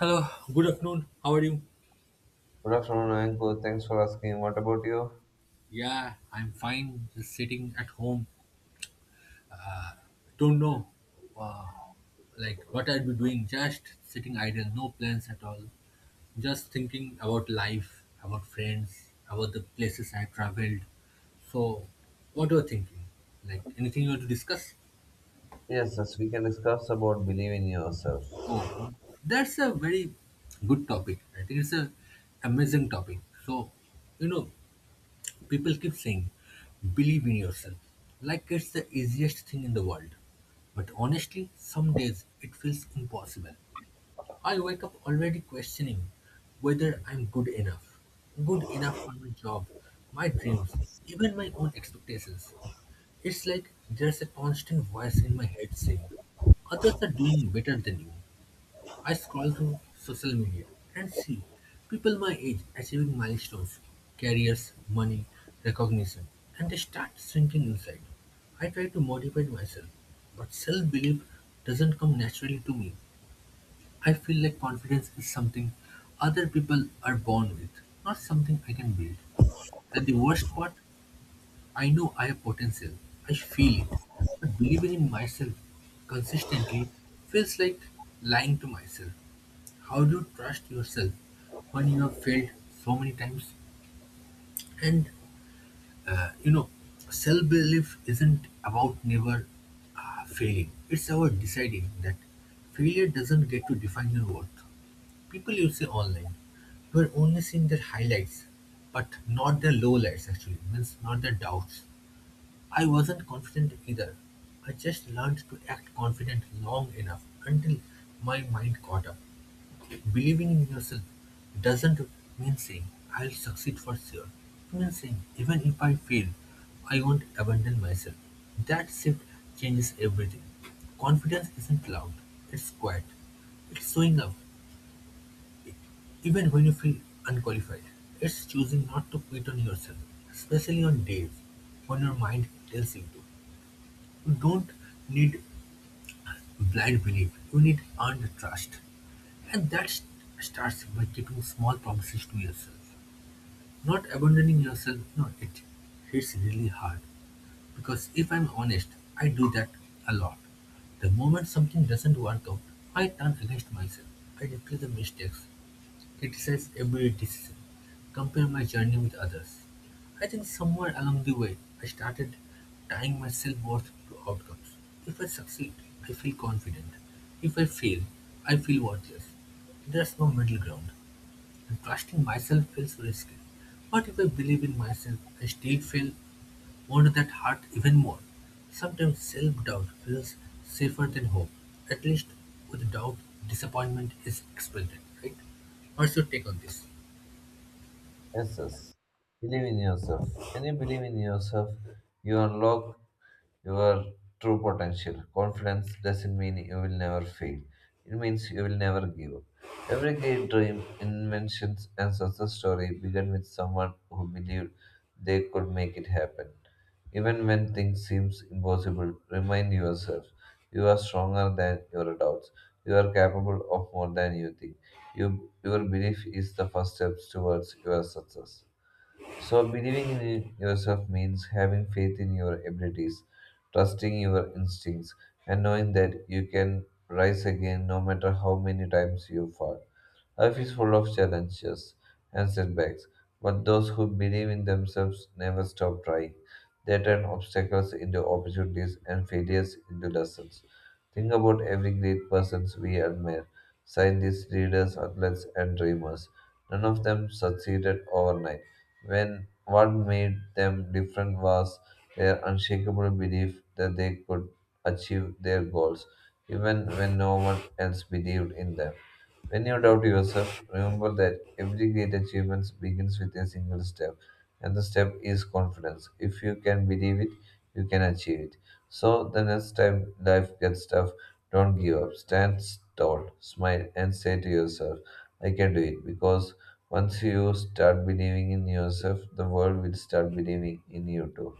Hello, good afternoon. How are you? Good afternoon, Ankur. Thanks for asking. What about you? Yeah, I'm fine. Just sitting at home. Don't know, uh, like what I'll be doing. Just sitting idle, no plans at all. Just thinking about life, about friends, about the places I traveled. So, what are you thinking? Like anything you want to discuss? Yes, we can discuss about believe in yourself. Oh, that's a very good topic. I think it's a amazing topic. So, you know, people keep saying, believe in yourself, like it's the easiest thing in the world. But honestly, some days it feels impossible. I wake up already questioning whether I'm good enough. Good enough for my job, my dreams, even my own expectations. It's like there's a constant voice in my head saying, others are doing better than you. I scroll through social media and see people my age achieving milestones, careers, money, recognition, and I start sinking inside. I try to motivate myself, but self belief doesn't come naturally to me. I feel like confidence is something other people are born with, not something I can build. And the worst part, I know I have potential, I feel it, but believing in myself consistently feels like lying to myself. How do you trust yourself when you have failed so many times? And uh, you know, self belief isn't about never failing, it's about deciding that failure doesn't get to define your worth. People you see online, you are only seeing their highlights, but not their lowlights actually, means not their doubts. I wasn't confident either. I just learned to act confident long enough until my mind caught up. Believing in yourself doesn't mean saying, I'll succeed for sure. It means saying, even if I fail, I won't abandon myself. That shift changes everything. Confidence isn't loud, it's quiet. It's showing up, even when you feel unqualified. It's choosing not to quit on yourself, especially on days when your mind tells you to. You don't need blind belief, you need earned trust. And starts by keeping small promises to yourself. Not abandoning yourself, no, it hits really hard. Because if I'm honest, I do that a lot. The moment something doesn't work out, I turn against myself. I replay the mistakes. It says every decision. Compare my journey with others. I think somewhere along the way, I started tying my self-worth to outcomes. If I succeed, I feel confident. If I fail, I feel worthless. There's no middle ground, and trusting myself feels risky. What if I believe in myself, I still fail, won't that hurt even more? Sometimes self-doubt feels safer than hope. At least with doubt, disappointment is expected, right? What's your take on this? Yes, yes. Believe in yourself. When you believe in yourself, you unlock your true potential. Confidence doesn't mean you will never fail. It means you will never give up. Every great dream, inventions, and success story began with someone who believed they could make it happen. Even when things seem impossible, remind yourself you are stronger than your doubts. You are capable of more than you think. You, your belief is the first step towards your success. So, believing in yourself means having faith in your abilities, trusting your instincts, and knowing that you can rise again no matter how many times you fall. Life is full of challenges and setbacks, but those who believe in themselves never stop trying. They turn obstacles into opportunities and failures into lessons. Think about every great persons we admire scientists, leaders, athletes, and dreamers. None of them succeeded overnight when what made them different was their unshakable belief that they could achieve their goals, even when no one else believed in them. When you doubt yourself, remember that every great achievement begins with a single step, and the step is confidence. If you can believe it, you can achieve it. So, the next time life gets tough, don't give up. Stand tall, smile, and say to yourself, I can do it, because once you start believing in yourself, the world will start believing in you too.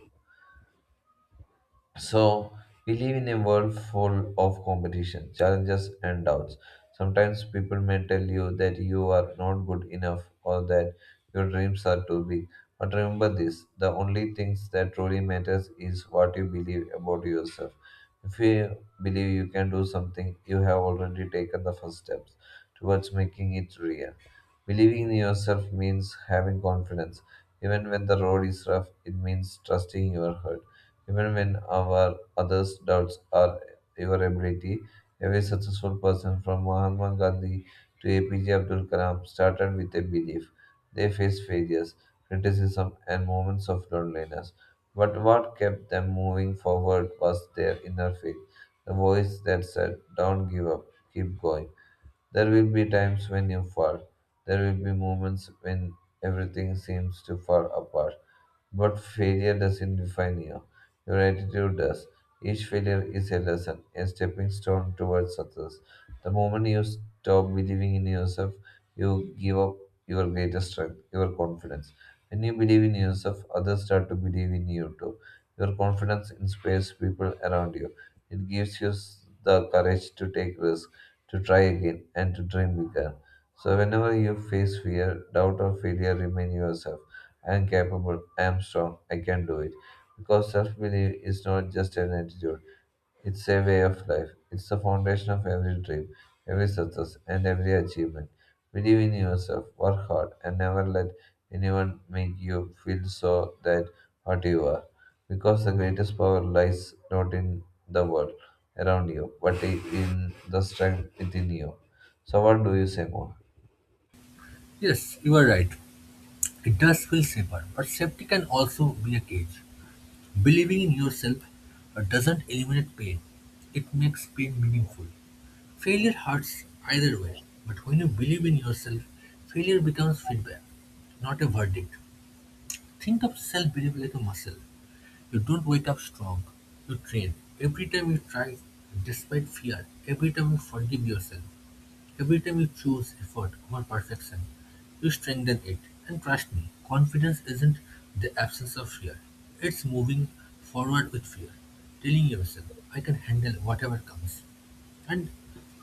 So, we live in a world full of competition, challenges, and doubts. Sometimes people may tell you that you are not good enough or that your dreams are too big. But remember this, the only things that truly matters is what you believe about yourself. If you believe you can do something, you have already taken the first steps towards making it real. Believing in yourself means having confidence. Even when the road is rough, it means trusting your heart. Even when our others doubts our your ability, every successful person from Mahatma Gandhi to APJ Abdul Kalam started with a belief. They faced failures, criticism, and moments of loneliness. But what kept them moving forward was their inner faith, the voice that said, don't give up, keep going. There will be times when you fall. There will be moments when everything seems to fall apart. But failure doesn't define you. Your attitude does. Each failure is a lesson, a stepping stone towards success. The moment you stop believing in yourself, you give up your greatest strength, your confidence. When you believe in yourself, others start to believe in you too. Your confidence inspires people around you. It gives you the courage to take risks, to try again and to dream bigger. So, whenever you face fear, doubt, or failure, remind yourself I am capable, I am strong, I can do it. Because self belief is not just an attitude, it's a way of life. It's the foundation of every dream, every success, and every achievement. Believe in yourself, work hard, and never let anyone make you feel so that what you are. Because the greatest power lies not in the world around you, but in the strength within you. So, what do you say more? Yes, you are right. It does feel safer, but safety can also be a cage. Believing in yourself doesn't eliminate pain, it makes pain meaningful. Failure hurts either way, but when you believe in yourself, failure becomes feedback, not a verdict. Think of self belief like a muscle. You don't wake up strong. You train. Every time you try, despite fear, every time you forgive yourself, every time you choose effort over perfection, you strengthen it. And trust me, confidence isn't the absence of fear, it's moving forward with fear, telling yourself, I can handle whatever comes. And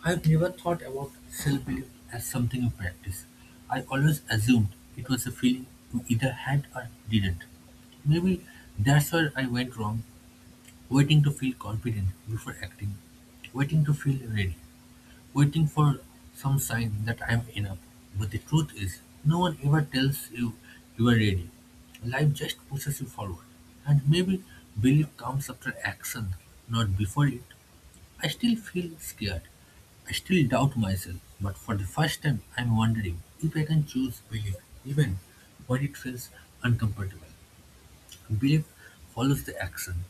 I've never thought about self belief as something you practice. I always assumed it was a feeling you either had or didn't. Maybe that's where I went wrong, waiting to feel confident before acting, waiting to feel ready, waiting for some sign that I am enough. But the truth is, no one ever tells you you are ready. Life just pushes you forward. And maybe belief comes after action, not before it. I still feel scared. I still doubt myself. But for the first time, I'm wondering if I can choose belief, even when it feels uncomfortable. Belief follows the action.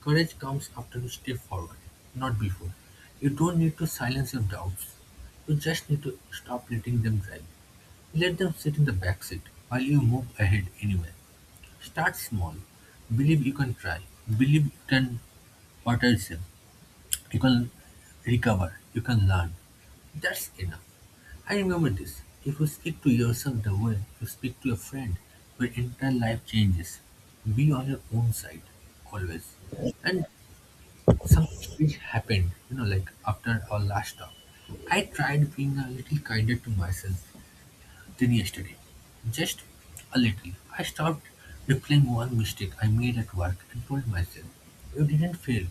Courage comes after you step forward, not before. You don't need to silence your doubts. You just need to stop letting them drive. Let them sit in the back seat while you move ahead anyway. Start small. Believe you can try. Believe you can what I You can recover. You can learn. That's enough. I remember this. If you speak to yourself the way you speak to a friend, your entire life changes. Be on your own side, always. And something strange happened, you know, like after our last talk. I tried being a little kinder to myself than yesterday. Just a little. I stopped replaying one mistake I made at work and told myself, you didn't fail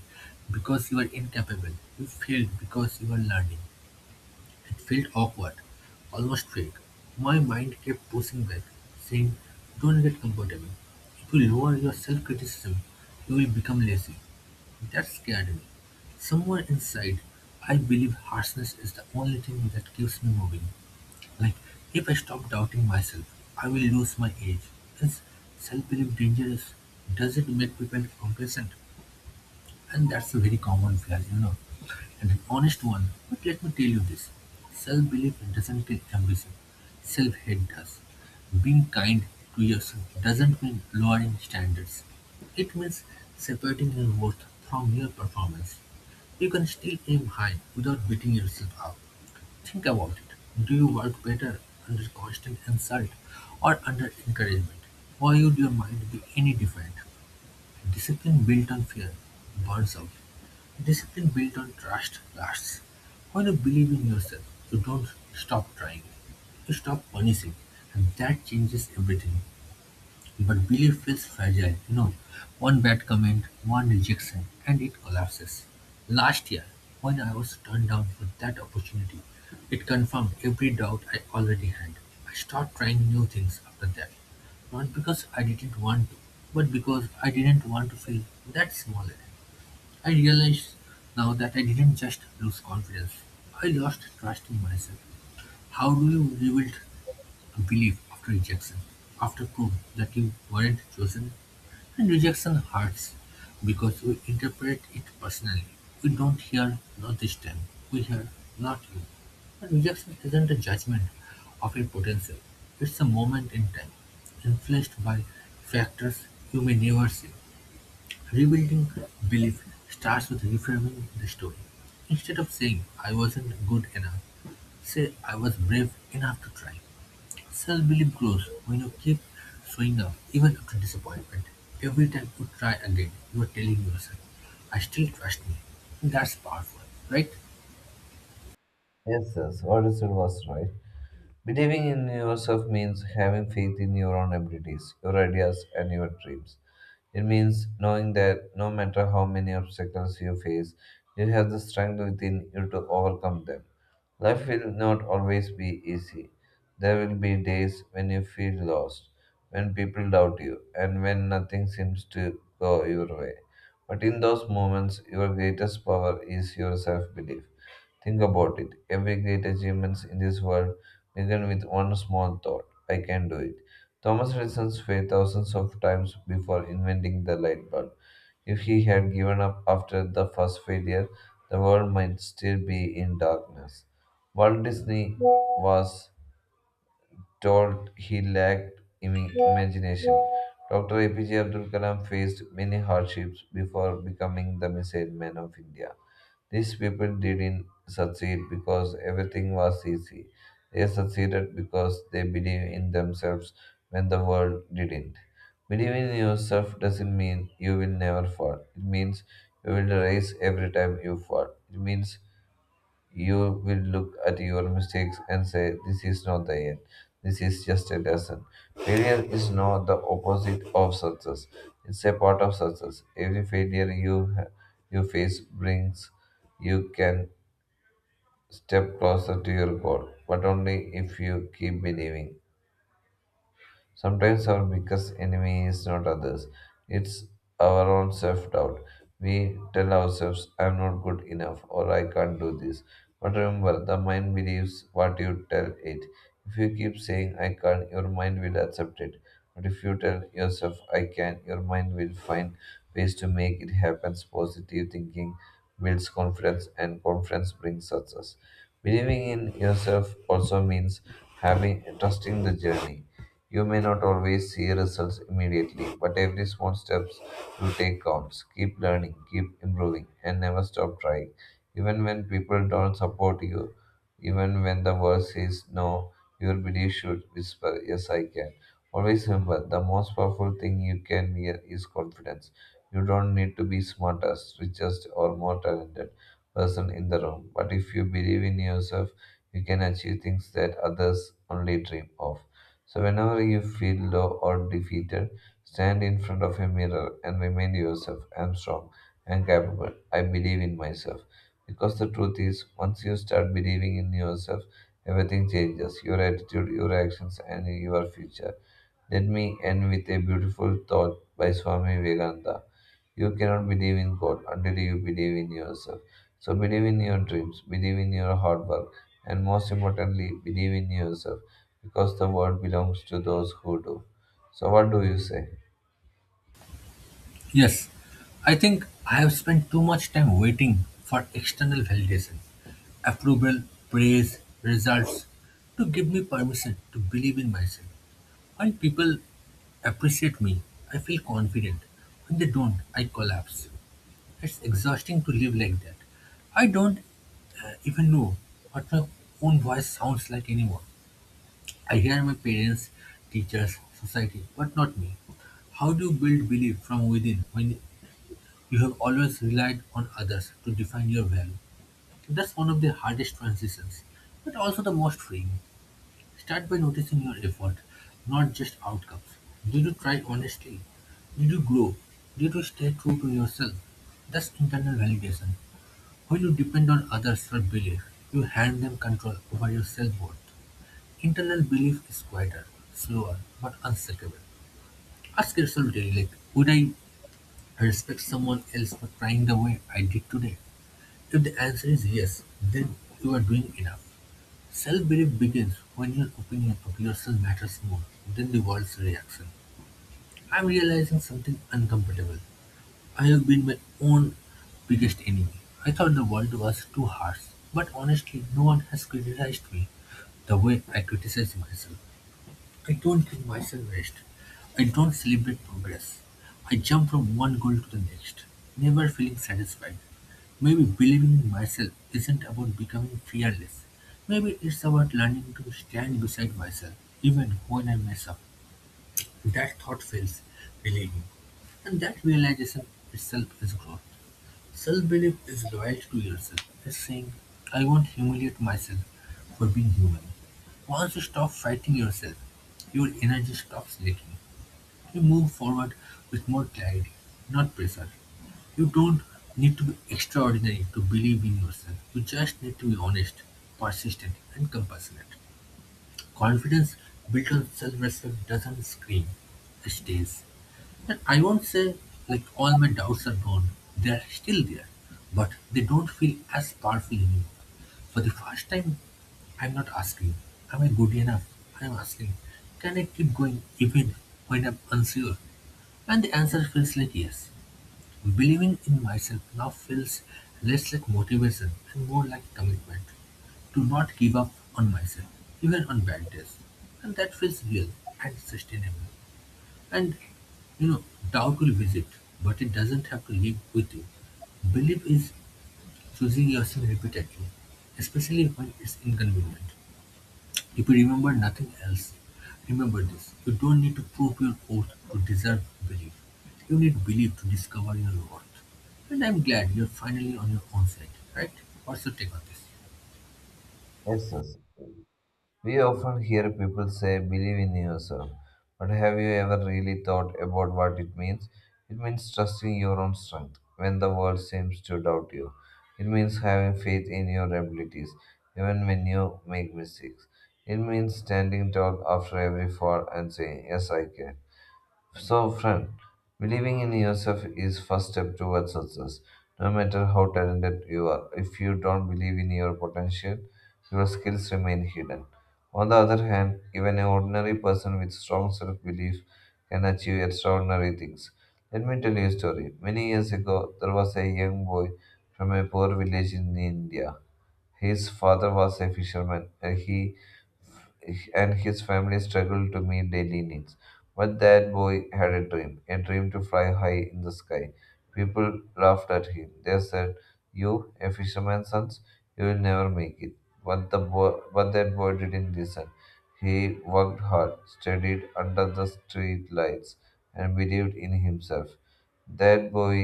because you are incapable. You failed because you are learning. It felt awkward, almost fake. My mind kept pushing back, saying, don't get comfortable. If you lower your self criticism, you will become lazy. That scared me. Somewhere inside, I believe harshness is the only thing that keeps me moving. Like, if I stop doubting myself, I will lose my edge. Is self belief dangerous? Does it make people complacent? And that's a very common flaw, you know, and an honest one. But let me tell you this, self belief doesn't take ambition, self hate does. Being kind to yourself doesn't mean lowering standards, it means separating your worth from your performance. You can still aim high without beating yourself up. Think about it. Do you work better under constant insult or under encouragement? Why would your mind be any different? Discipline built on fear burns out. Discipline built on trust lasts. When you believe in yourself, you don't stop trying. You stop punishing, and that changes everything. But belief feels fragile, you know. One bad comment, one rejection, and it collapses. Last year, when I was turned down for that opportunity, it confirmed every doubt I already had. I started trying new things after that. Not because I didn't want to, but because I didn't want to feel that small again. I realize now that I didn't just lose confidence, I lost trust in myself. How do you rebuild a belief after rejection, after proof that you weren't chosen? And rejection hurts because we interpret it personally. We don't hear not this time, we hear not you. And rejection isn't a judgment of your potential, it's a moment in time, influenced by factors you may never see. Rebuilding belief starts with reframing the story. Instead of saying, I wasn't good enough, say, I was brave enough to try. Self-belief grows when you keep showing up even after disappointment. Every time you try again, you are telling yourself, I still trust me. That's powerful, right? Yes, yes, what is it was right? Believing in yourself means having faith in your own abilities, your ideas, and your dreams. It means knowing that no matter how many obstacles you face, you have the strength within you to overcome them. Life will not always be easy. There will be days when you feel lost, when people doubt you, and when nothing seems to go your way. But in those moments, your greatest power is your self belief. Think about it. Every great achievement in this world began with one small thought, I can do it. Thomas Edison failed thousands of times before inventing the light bulb. If he had given up after the first failure, the world might still be in darkness. Walt Disney was told he lacked imagination. Dr. APJ Abdul Kalam faced many hardships before becoming the missile man of India. These people didn't succeed because everything was easy. They succeeded because they believed in themselves when the world didn't. Believing in yourself doesn't mean you will never fall. It means you will rise every time you fall. It means you will look at your mistakes and say, this is not the end. This is just a lesson. Failure is not the opposite of success, it's a part of success. Every failure you face brings you can step closer to your goal, but only if you keep believing. Sometimes our biggest enemy is not others, it's our own self doubt. We tell ourselves, I'm not good enough, or I can't do this. But remember, the mind believes what you tell it. If you keep saying, I can't, your mind will accept it. But if you tell yourself, I can, your mind will find ways to make it happen. Positive thinking builds confidence, and confidence brings success. Believing in yourself also means having trusting the journey. You may not always see results immediately, but every small steps you take counts. Keep learning, keep improving, and never stop trying. Even when people don't support you, even when the world says no, your belief should whisper, yes, I can. Always remember the most powerful thing you can wear is confidence. You don't need to be smartest, richest, or more talented person in the room, but if you believe in yourself, you can achieve things that others only dream of. So, whenever you feel low or defeated, stand in front of a mirror and remind yourself, I am strong, I am capable, I believe in myself. Because the truth is, once you start believing in yourself, everything changes, your attitude, your actions, and your future. Let me end with a beautiful thought by Swami Vivekananda. You cannot believe in God until you believe in yourself. So believe in your dreams, believe in your hard work, and most importantly, believe in yourself because the world belongs to those who do. So, what do you say? Yes, I think I have spent too much time waiting for external validation, approval, praise, results to give me permission to believe in myself. When people appreciate me, I feel confident. When they don't, I collapse. It's exhausting to live like that. I don't even know what my own voice sounds like anymore. I hear my parents, teachers, society, but not me. How do you build belief from within when you have always relied on others to define your value? That's one of the hardest transitions, but also the most freeing. Start by noticing your effort, not just outcomes. Did you try honestly? Did you grow? Did you stay true to yourself? That's internal validation. When you depend on others for belief, you hand them control over your self-worth. Internal belief is quieter, slower, but unshakable. Ask yourself daily, like, would I respect someone else for trying the way I did today? If the answer is yes, then you are doing enough. Self-belief begins when your opinion of yourself matters more than the world's reaction. I'm realizing something uncomfortable. I've been my own biggest enemy. I thought the world was too harsh, but honestly, no one has criticized me the way I criticize myself. I don't give myself rest. I don't celebrate progress. I jump from one goal to the next, never feeling satisfied. Maybe believing in myself isn't about becoming fearless. Maybe it's about learning to stand beside myself, even when I mess up. That thought feels relieving, and that realization itself is growth. Self-belief is loyalty to yourself. It's saying, I won't humiliate myself for being human. Once you stop fighting yourself, your energy stops leaking. You move forward with more clarity, not pressure. You don't need to be extraordinary to believe in yourself. You just need to be honest, persistent, and compassionate. Confidence built on self-respect doesn't scream, it stays. And I won't say like all my doubts are gone, they're still there, but they don't feel as powerful anymore. For the first time, I'm not asking, am I good enough? I'm asking, can I keep going even when I'm unsure? And the answer feels like yes. Believing in myself now feels less like motivation and more like commitment to not give up on myself, even on bad days. And that feels real and sustainable. And, you know, doubt will visit, but it doesn't have to live with you. Belief is choosing yourself repeatedly, especially when it's inconvenient. If you remember nothing else, remember this. You don't need to prove your worth to deserve belief. You need belief to discover your worth. And I'm glad you're finally on your own side, right? What's your take on this? Yes, yes. We often hear people say, believe in yourself. But have you ever really thought about what it means? It means trusting your own strength when the world seems to doubt you. It means having faith in your abilities, even when you make mistakes. It means standing tall after every fall and saying, yes, I can. So, friend, believing in yourself is first step towards success. No matter how talented you are, if you don't believe in your potential, your skills remain hidden. On the other hand, even an ordinary person with strong self-belief can achieve extraordinary things. Let me tell you a story. Many years ago, there was a young boy from a poor village in India. His father was a fisherman, and he and his family struggled to meet daily needs. But that boy had a dream to fly high in the sky. People laughed at him. They said, "You, a fisherman's son, you will never make it." But that boy didn't listen. He worked hard, studied under the street lights, and believed in himself. That boy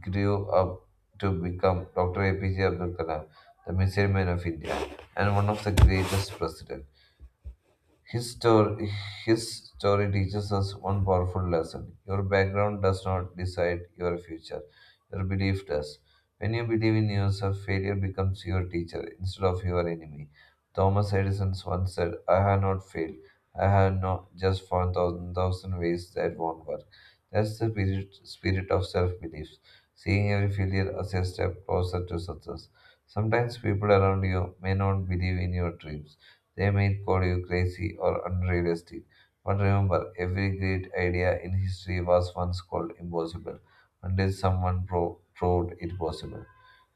grew up to become Dr. APJ Abdul Kalam, the missile man of India, and one of the greatest presidents. His story, his story teaches us one powerful lesson. Your background does not decide your future. Your belief does. When you believe in yourself, failure becomes your teacher instead of your enemy. Thomas Edison once said, I have not failed. I have not just found thousand, thousand ways that won't work. That's the spirit of self belief, seeing every failure as a step closer to success. Sometimes people around you may not believe in your dreams, they may call you crazy or unrealistic, but remember, every great idea in history was once called impossible until someone proved it possible.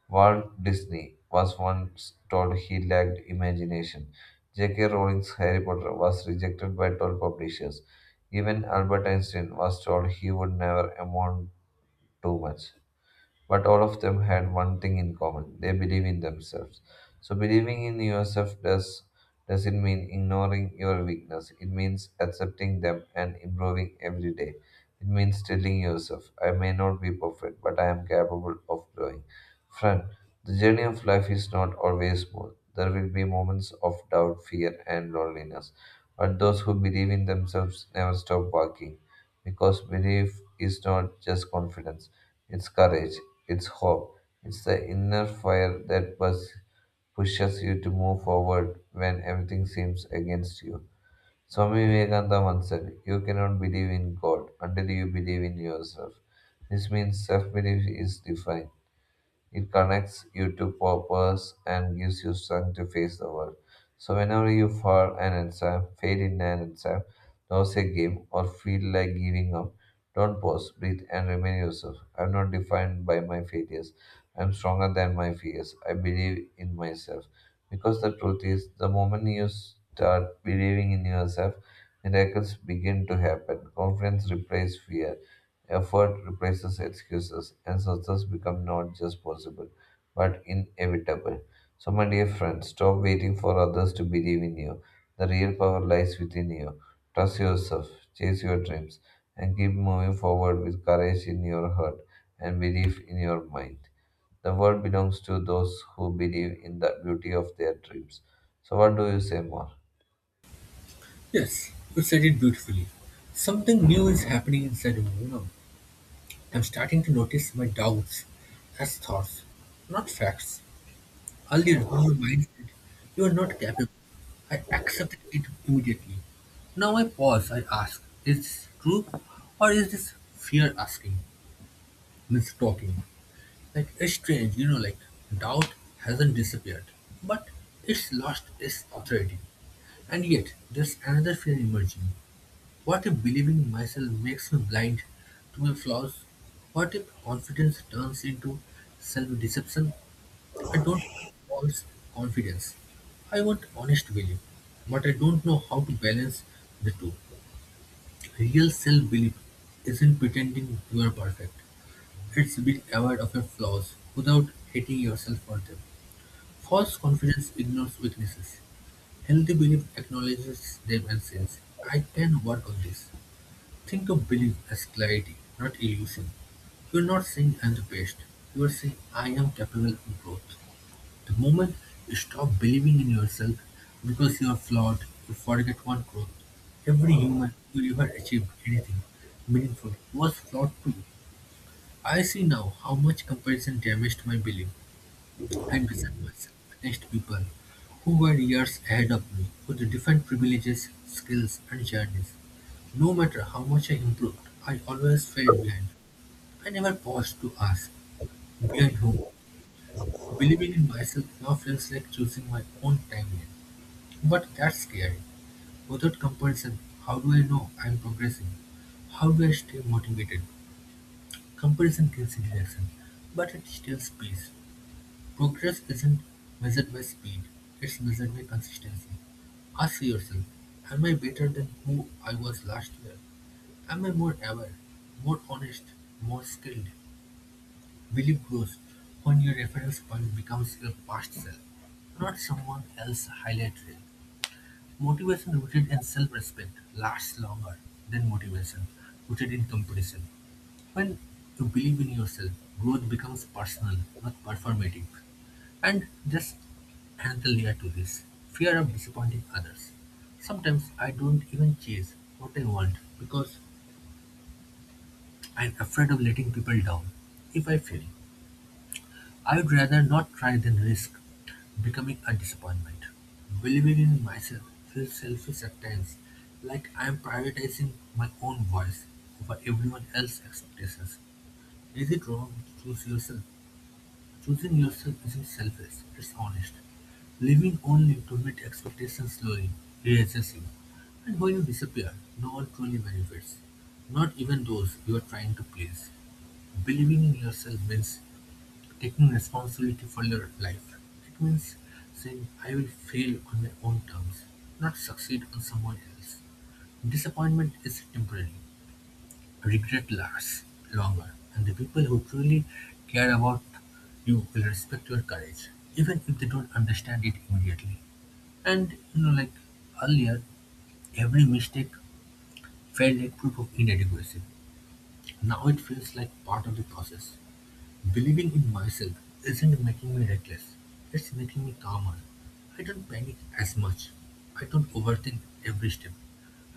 Walt Disney was once told he lacked imagination. J.K. Rowling's Harry Potter was rejected by 12 publishers. Even Albert Einstein was told he would never amount to much. But all of them had one thing in common, they believe in themselves. So, believing in yourself doesn't mean ignoring your weakness, it means accepting them and improving every day. It means telling yourself, I may not be perfect, but I am capable of growing. Friend, the journey of life is not always smooth. There will be moments of doubt, fear, and loneliness. But those who believe in themselves never stop walking. Because belief is not just confidence, it's courage, it's hope, it's the inner fire that pushes you to move forward when everything seems against you. Swami Vivekananda once said, you cannot believe in God until you believe in yourself. This means self belief is defined, it connects you to purpose and gives you strength to face the world. So whenever you fall an exam, fail in an exam, lose a game, or feel like giving up, don't pause, breathe, and remain yourself. I'm not defined by my failures. I'm stronger than my fears. I believe in myself. Because the truth is, the moment you start believing in yourself, miracles begin to happen. Confidence replaces fear, effort replaces excuses, and success becomes not just possible, but inevitable. So, my dear friend, stop waiting for others to believe in you. The real power lies within you. Trust yourself, chase your dreams, and keep moving forward with courage in your heart and belief in your mind. The world belongs to those who believe in the beauty of their dreams. So, what do you say more? Yes, you said it beautifully. Something new is happening inside of me. I'm starting to notice my doubts as thoughts, not facts. Earlier, when my mind said, you are not capable, I accepted it immediately. Now I pause, I ask, is this true? Or is this fear asking, means talking? Like, it's strange, doubt hasn't disappeared, but it's lost its authority. And yet, there's another fear emerging. What if believing myself makes me blind to my flaws? What if confidence turns into self deception? I don't want false confidence. I want honest belief, but I don't know how to balance the two. Real self belief isn't pretending you are perfect, it's being aware of your flaws without hating yourself for them. False confidence ignores weaknesses. Healthy belief acknowledges them and says, I can work on this. Think of belief as clarity, not illusion. You're not saying I'm the best, you're saying I am capable of growth. The moment you stop believing in yourself because you are flawed, you forget one growth. Every human who ever achieved anything meaningful was flawed too. I see now how much comparison damaged my belief. Henderson was next people, who were years ahead of me with different privileges, skills and journeys. No matter how much I improved, I always fell behind. I never paused to ask, behind whom? Believing in myself now feels like choosing my own timeline. But that's scary. Without comparison, how do I know I'm progressing? How do I stay motivated? Comparison kills interaction, but it steals peace. Progress isn't measured by speed, it's measured by consistency. Ask yourself, am I better than who I was last year? Am I more aware, more honest, more skilled? Belief grows when your reference point becomes your past self, not someone else's highlight reel. Motivation rooted in self-respect lasts longer than motivation rooted in competition. When you believe in yourself, growth becomes personal, not performative. And there's another layer to this, fear of disappointing others. Sometimes I don't even chase what I want because I'm afraid of letting people down. If I fail, I would rather not try than risk becoming a disappointment. Believing in myself feels selfish at times, like I'm prioritizing my own voice over everyone else's expectations. Is it wrong to choose yourself? Choosing yourself isn't selfish, it's honest. Living only to meet expectations slowly erases you. And when you disappear, no one truly benefits. Not even those you are trying to please. Believing in yourself means taking responsibility for your life. It means saying, I will fail on my own terms, not succeed on someone else. Disappointment is temporary. Regret lasts longer, and the people who truly care about you will respect your courage, even if they don't understand it immediately. And earlier, every mistake felt like proof of inadequacy. Now it feels like part of the process. Believing in myself isn't making me reckless, it's making me calmer. I don't panic as much. I don't overthink every step.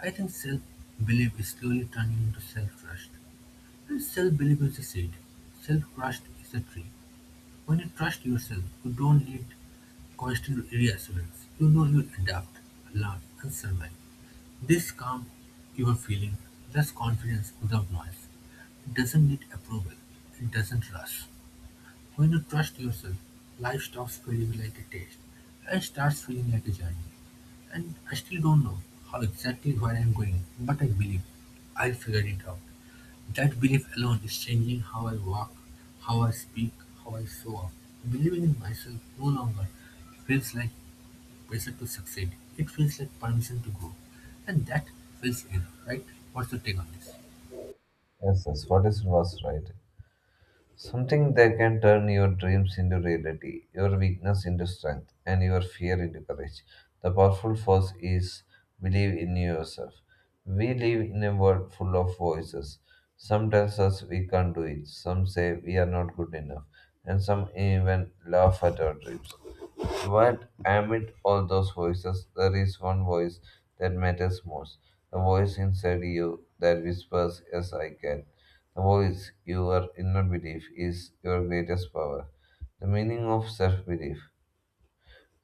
I think self belief is slowly turning into self trust. Self-belief will succeed. Self-trust is a tree. When you trust yourself, you don't need constant reassurance. You know you'll adapt, learn, and survive. This calm you are feeling, that's confidence without noise. It doesn't need approval. It doesn't rush. When you trust yourself, life stops feeling like a test and starts feeling like a journey. And I still don't know how exactly where I'm going, but I believe I'll figure it out. That belief alone is changing how I walk, how I speak, how I show up. Believing in myself no longer feels like pressure to succeed. It feels like permission to grow. And that feels enough, right? What's your take on this? Yes, what is was right? Something that can turn your dreams into reality, your weakness into strength, and your fear into courage. The powerful force is believe in yourself. We live in a world full of voices. Some tells us we can't do it, some say we are not good enough, and some even laugh at our dreams. But amid all those voices, there is one voice that matters most. The voice inside you that whispers, "Yes, I can." The voice, your inner belief, is your greatest power. The meaning of self belief.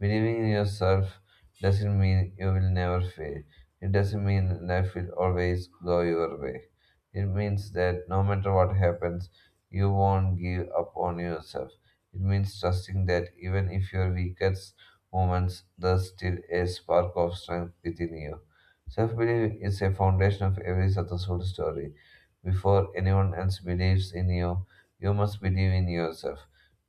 Believing in yourself doesn't mean you will never fail. It doesn't mean life will always go your way. It means that no matter what happens, you won't give up on yourself. It means trusting that even if your weakest moments, there's still a spark of strength within you. Self belief is a foundation of every successful story. Before anyone else believes in you, you must believe in yourself.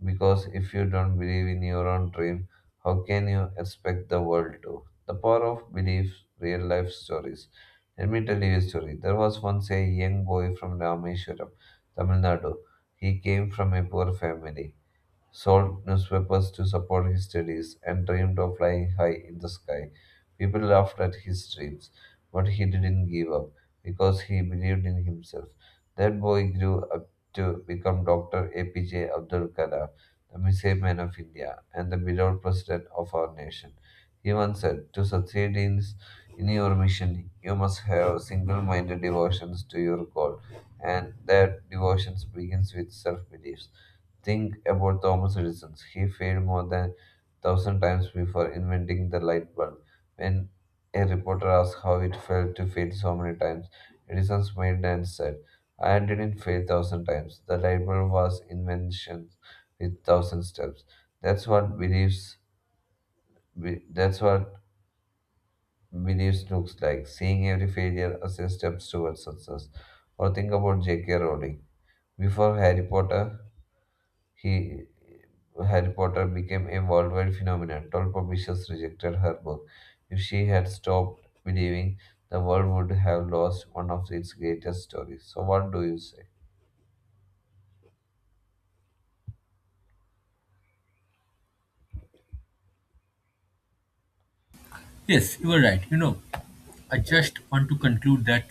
Because if you don't believe in your own dream, how can you expect the world to? The power of belief, real life stories. Let me tell you a story. There was once a young boy from Rameshwaram, Tamil Nadu. He came from a poor family, sold newspapers to support his studies, and dreamed of flying high in the sky. People laughed at his dreams, but he didn't give up because he believed in himself. That boy grew up to become Dr. APJ Abdul Kalam, the missile man of India, and the beloved president of our nation. He once said, "To succeed in your mission, you must have single minded devotions to your goal, and that devotion begins with self belief. Think about Thomas Edison. He failed more than 1,000 times before inventing the light bulb. When a reporter asked how it felt to fail so many times, Edison smiled and said, "I didn't fail 1,000 times. The light bulb was invention with 1,000 steps." That's what beliefs. That's what beliefs looks like. Seeing every failure as a step towards success. Or think about J.K. Rowling. Before Harry Potter, He Harry Potter became a worldwide phenomenon. Toll publishers rejected her book. If she had stopped believing, the world would have lost one of its greatest stories. So, what do you say? Yes, you are right. You know, I just want to conclude that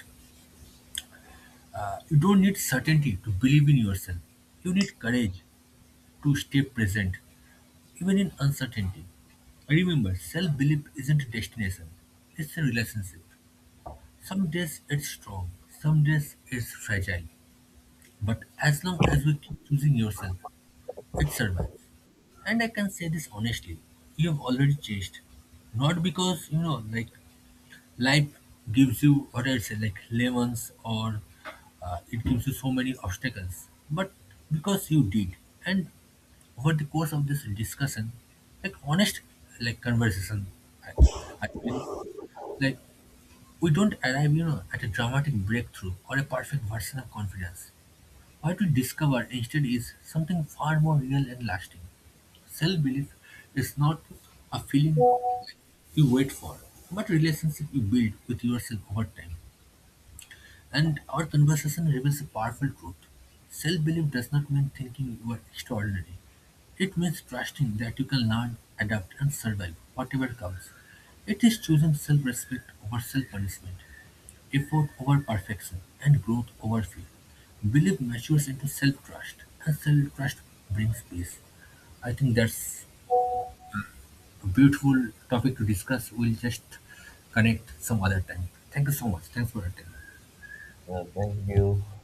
you don't need certainty to believe in yourself. You need courage to stay present, even in uncertainty. Remember, self belief isn't a destination, it's a relationship. Some days it's strong, some days it's fragile. But as long as we keep choosing yourself, it survives. And I can say this honestly, you have already changed. Not because life gives you what I say, like lemons or it gives you so many obstacles, but because you did. And over the course of this discussion, like honest, like conversation, I, I feel like we don't arrive at a dramatic breakthrough or a perfect version of confidence. What we discover instead is something far more real and lasting. Self-belief is not a feeling you wait for, but a relationship you build with yourself over time. And our conversation reveals a powerful truth. Self-belief does not mean thinking you are extraordinary. It means trusting that you can learn, adapt, and survive whatever comes. It is choosing self-respect over self-punishment. Effort over perfection and growth over fear. Belief matures into self-trust, and self-trust brings peace. I think that's a beautiful topic to discuss. We'll just connect some other time. Thank you so much. Thanks for attending. Yeah, thank you.